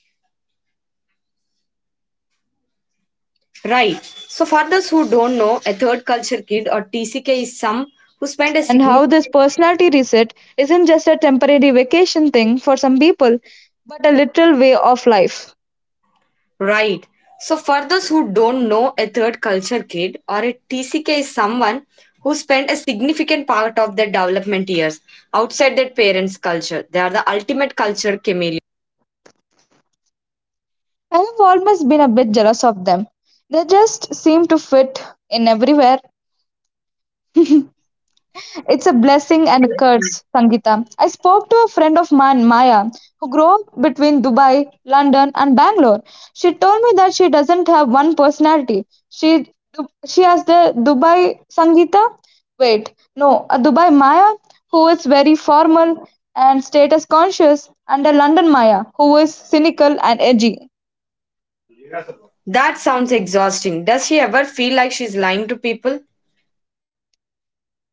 We are back. Now, Sangeeta, before the
Right.
break you
So, for
mentioned
those who
something
don't know,
that
a
plagued
third
my
culture
interest.
kid or TCK is some
Culture
who
kids
spend a
and how this
significant
personality reset isn't just a temporary vacation thing for some people, but a literal way of life.
right. So, for those who don't know, a third culture kid or a TCK is someone who spend a significant part of their development years outside their parents' culture. They are the ultimate culture chameleon.
I have almost been a bit jealous of them. They just seem to fit in everywhere. It's a blessing and a curse, Sangeeta. I spoke to a friend of mine, Maya, who grew up between Dubai, London, and Bangalore. She told me that she doesn't have one personality. She has the Dubai Sangeeta. Wait, no, a Dubai Maya who is very formal and status conscious, and a London Maya who is cynical and edgy.
That sounds exhausting. Does she ever feel like she's lying to people?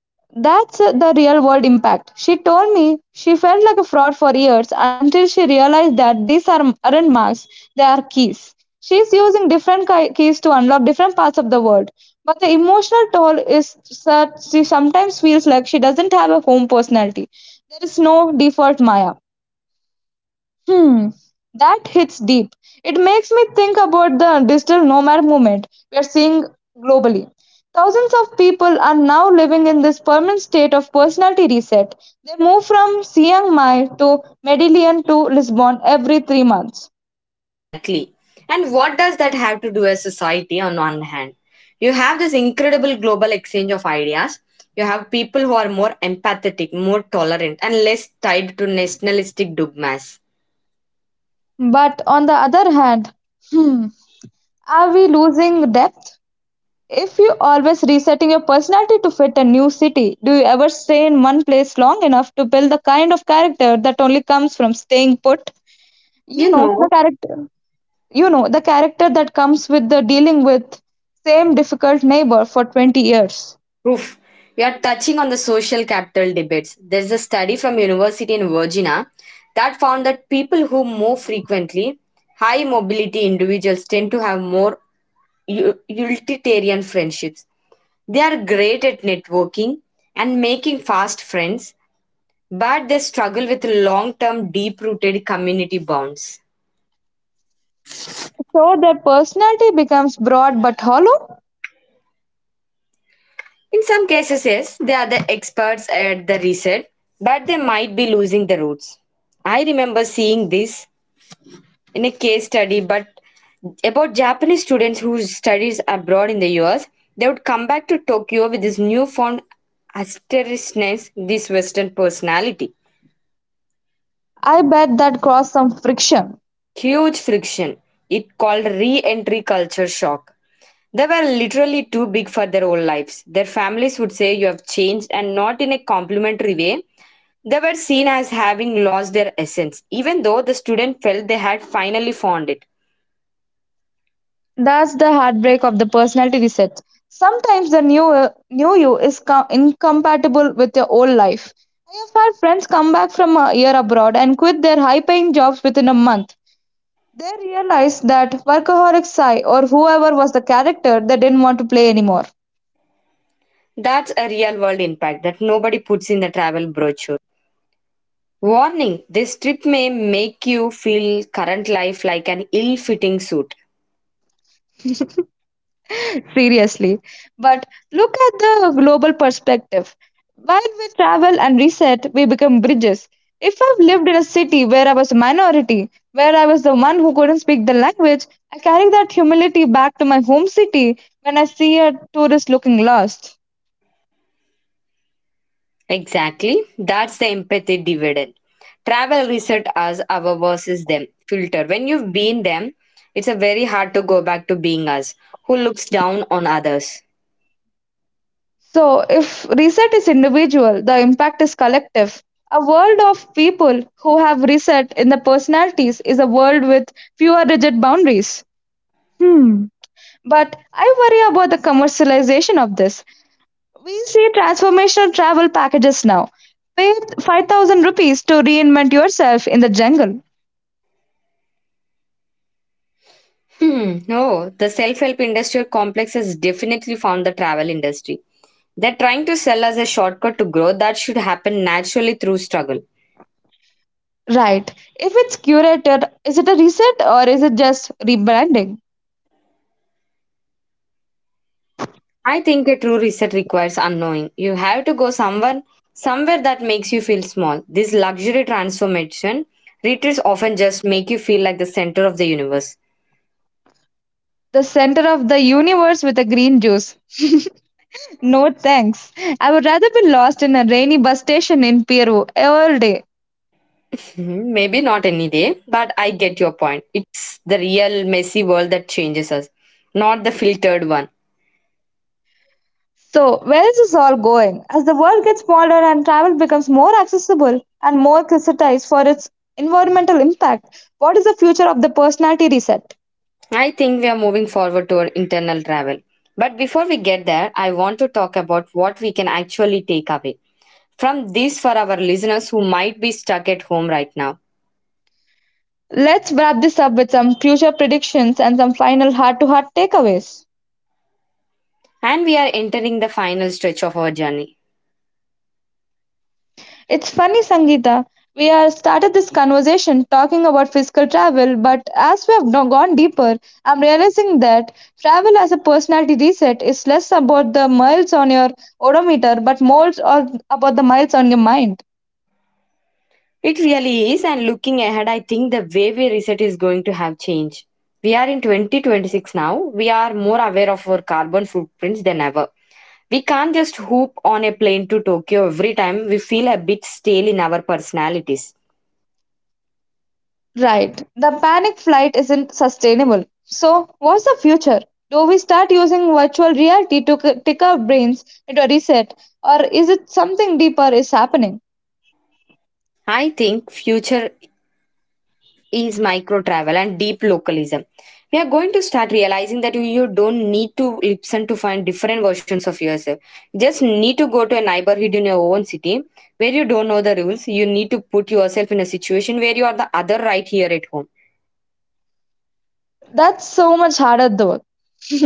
That's the real world impact. She told me she felt like a fraud for years until she realized that these are, aren't marks, they are keys. She's using different keys to unlock different parts of the world. But the emotional toll is such she sometimes feels like she doesn't have a home personality. There is no default Maya. Hmm, that hits deep. It makes me think about the digital nomad movement we are seeing globally. Thousands of people are now living in this permanent state of personality reset. They move from Chiang Mai to Medellin to Lisbon every 3 months.
Exactly. And what does that have to do as society on one hand? You have this incredible global exchange of ideas. You have people who are more empathetic, more tolerant, and less tied to nationalistic dogmas.
But on the other hand, hmm, are we losing depth? If you always resetting your personality to fit a new city, do you ever stay in one place long enough to build the kind of character that only comes from staying put? you
You
know the
know,
character you know the character that comes with the dealing with same difficult neighbor for 20 years.
oof, we are touching on the social capital debates. There's a study from University in Virginia that found that people who move frequently, high mobility individuals tend to have more utilitarian friendships. They are great at networking and making fast friends, but they struggle with long term, deep rooted community bonds.
So their personality becomes broad but hollow.
In some cases, yes, they are the experts at the reset, but they might be losing the roots. I remember seeing this in a case study, but about Japanese students who studies abroad in the US, they would come back to Tokyo with this newfound asterishness, this Western personality.
I bet that caused some friction.
Huge friction. It called re entry culture shock. They were literally too big for their own lives. Their families would say, "You have changed," and not in a complimentary way. They were seen as having lost their essence, even though the student felt they had finally found it.
That's the heartbreak of the personality reset. Sometimes the new you is incompatible with your old life. I have had friends come back from a year abroad and quit their high paying jobs within a month. They realized that workaholic Sai or whoever was the character they didn't want to play anymore.
That's a real world impact that nobody puts in the travel brochure. Warning, this trip may make you feel current life like an ill fitting suit.
Seriously. But look at the global perspective. While we travel and reset, we become bridges. If I've lived in a city where I was a minority, where I was the one who couldn't speak the language, I carry that humility back to my home city when I see a tourist looking lost.
Exactly. That's the empathy dividend. Travel reset us our versus them filter. When you've been them, it's a very hard to go back to being us, who looks down on others.
So, if reset is individual, the impact is collective. A world of people who have reset in their personalities is a world with fewer rigid boundaries. Hmm. But I worry about the commercialization of this. We see transformational travel packages now. Pay 5,000 rupees to reinvent yourself in the jungle.
Hmm. No, the self-help industrial complex has definitely found the travel industry. They're trying to sell us a shortcut to growth that should happen naturally through struggle.
Right. If it's curated, is it a reset or is it just rebranding?
I think a true reset requires unknowing. You have to go somewhere somewhere that makes you feel small. This luxury transformation retreats often just make you feel like the center of the universe.
The center of the universe with a green juice. No thanks. I would rather be lost in a rainy bus station in Peru all day.
Mhm. Maybe not any day, but I get your point. It's the real messy world that changes us, not the filtered one.
So, where is this all going? As the world gets smaller and travel becomes more accessible and more criticized for its environmental impact, what is the future of the personality reset?
I think we are moving forward to our internal travel. But before we get there, I want to talk about what we can actually take away from this for our listeners who might be stuck at home right now.
Let's wrap this up with some future predictions and some final heart to heart takeaways.
And we are entering the final stretch of our journey.
It's funny, Sangeeta. We are started this conversation talking about physical travel, but as we have now gone deeper, I'm realizing that travel as a personality reset is less about the miles on your odometer, but more or about the miles on your mind.
It really is, and looking ahead, I think the way we reset is going to have changed. We are in 2026 now. We are more aware of our carbon footprints than ever. We can't just hoop on a plane to Tokyo every time we feel a bit stale in our personalities.
Right. The panic flight isn't sustainable. So, what's the future? Do we start using virtual reality to tick our brains into a reset, or is it something deeper is happening?
I think future is micro travel and deep localism. We are going to start realizing that you don't need to listen to find different versions of yourself. You just need to go to a neighborhood in your own city where you don't know the rules. You need to put yourself in a situation where you are the other right here at home.
That's so much harder though.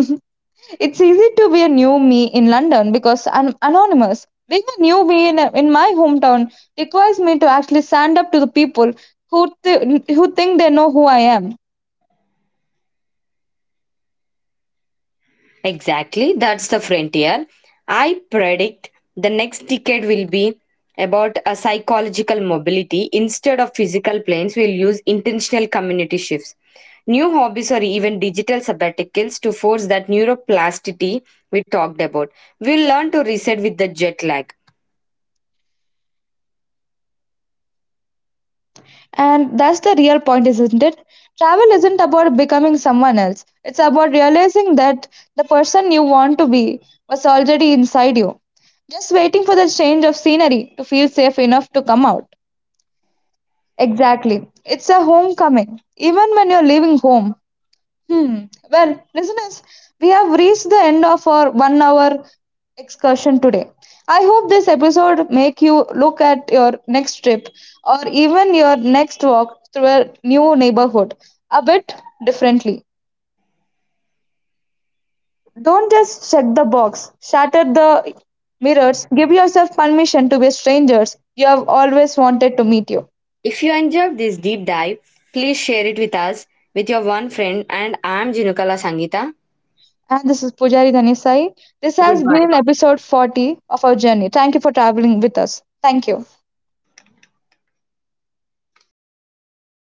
It's easy to be a new me in London because I'm anonymous. Being a new me in my hometown requires me to actually stand up to the people who think they know who I am.
Exactly, that's the frontier. I predict the next decade will be about a psychological mobility instead of physical planes. We'll use intentional community shifts, new hobbies, or even digital sabbaticals to force that neuroplasticity we talked about. We'll learn to reset with the jet lag.
And that's the real point, isn't it? Travel isn't about becoming someone else, it's about realizing that the person you want to be was already inside you, just waiting for the change of scenery to feel safe enough to come out. Exactly. It's a homecoming. Even when you're leaving home, hmm. Well, listeners, we have reached the end of our 1 hour excursion today. I hope this episode make you look at your next trip or even your next walk through a new neighborhood a bit differently. Don't just check the box, shatter the mirrors, give yourself permission to be strangers you have always wanted to meet you.
If you enjoyed this deep dive, please share it with us with your one friend. And I'm Jinukala Sangita.
And this is Pujari Dhanisai. This has
Goodbye.
been episode 40 of our journey. Thank you for traveling with us. Thank you.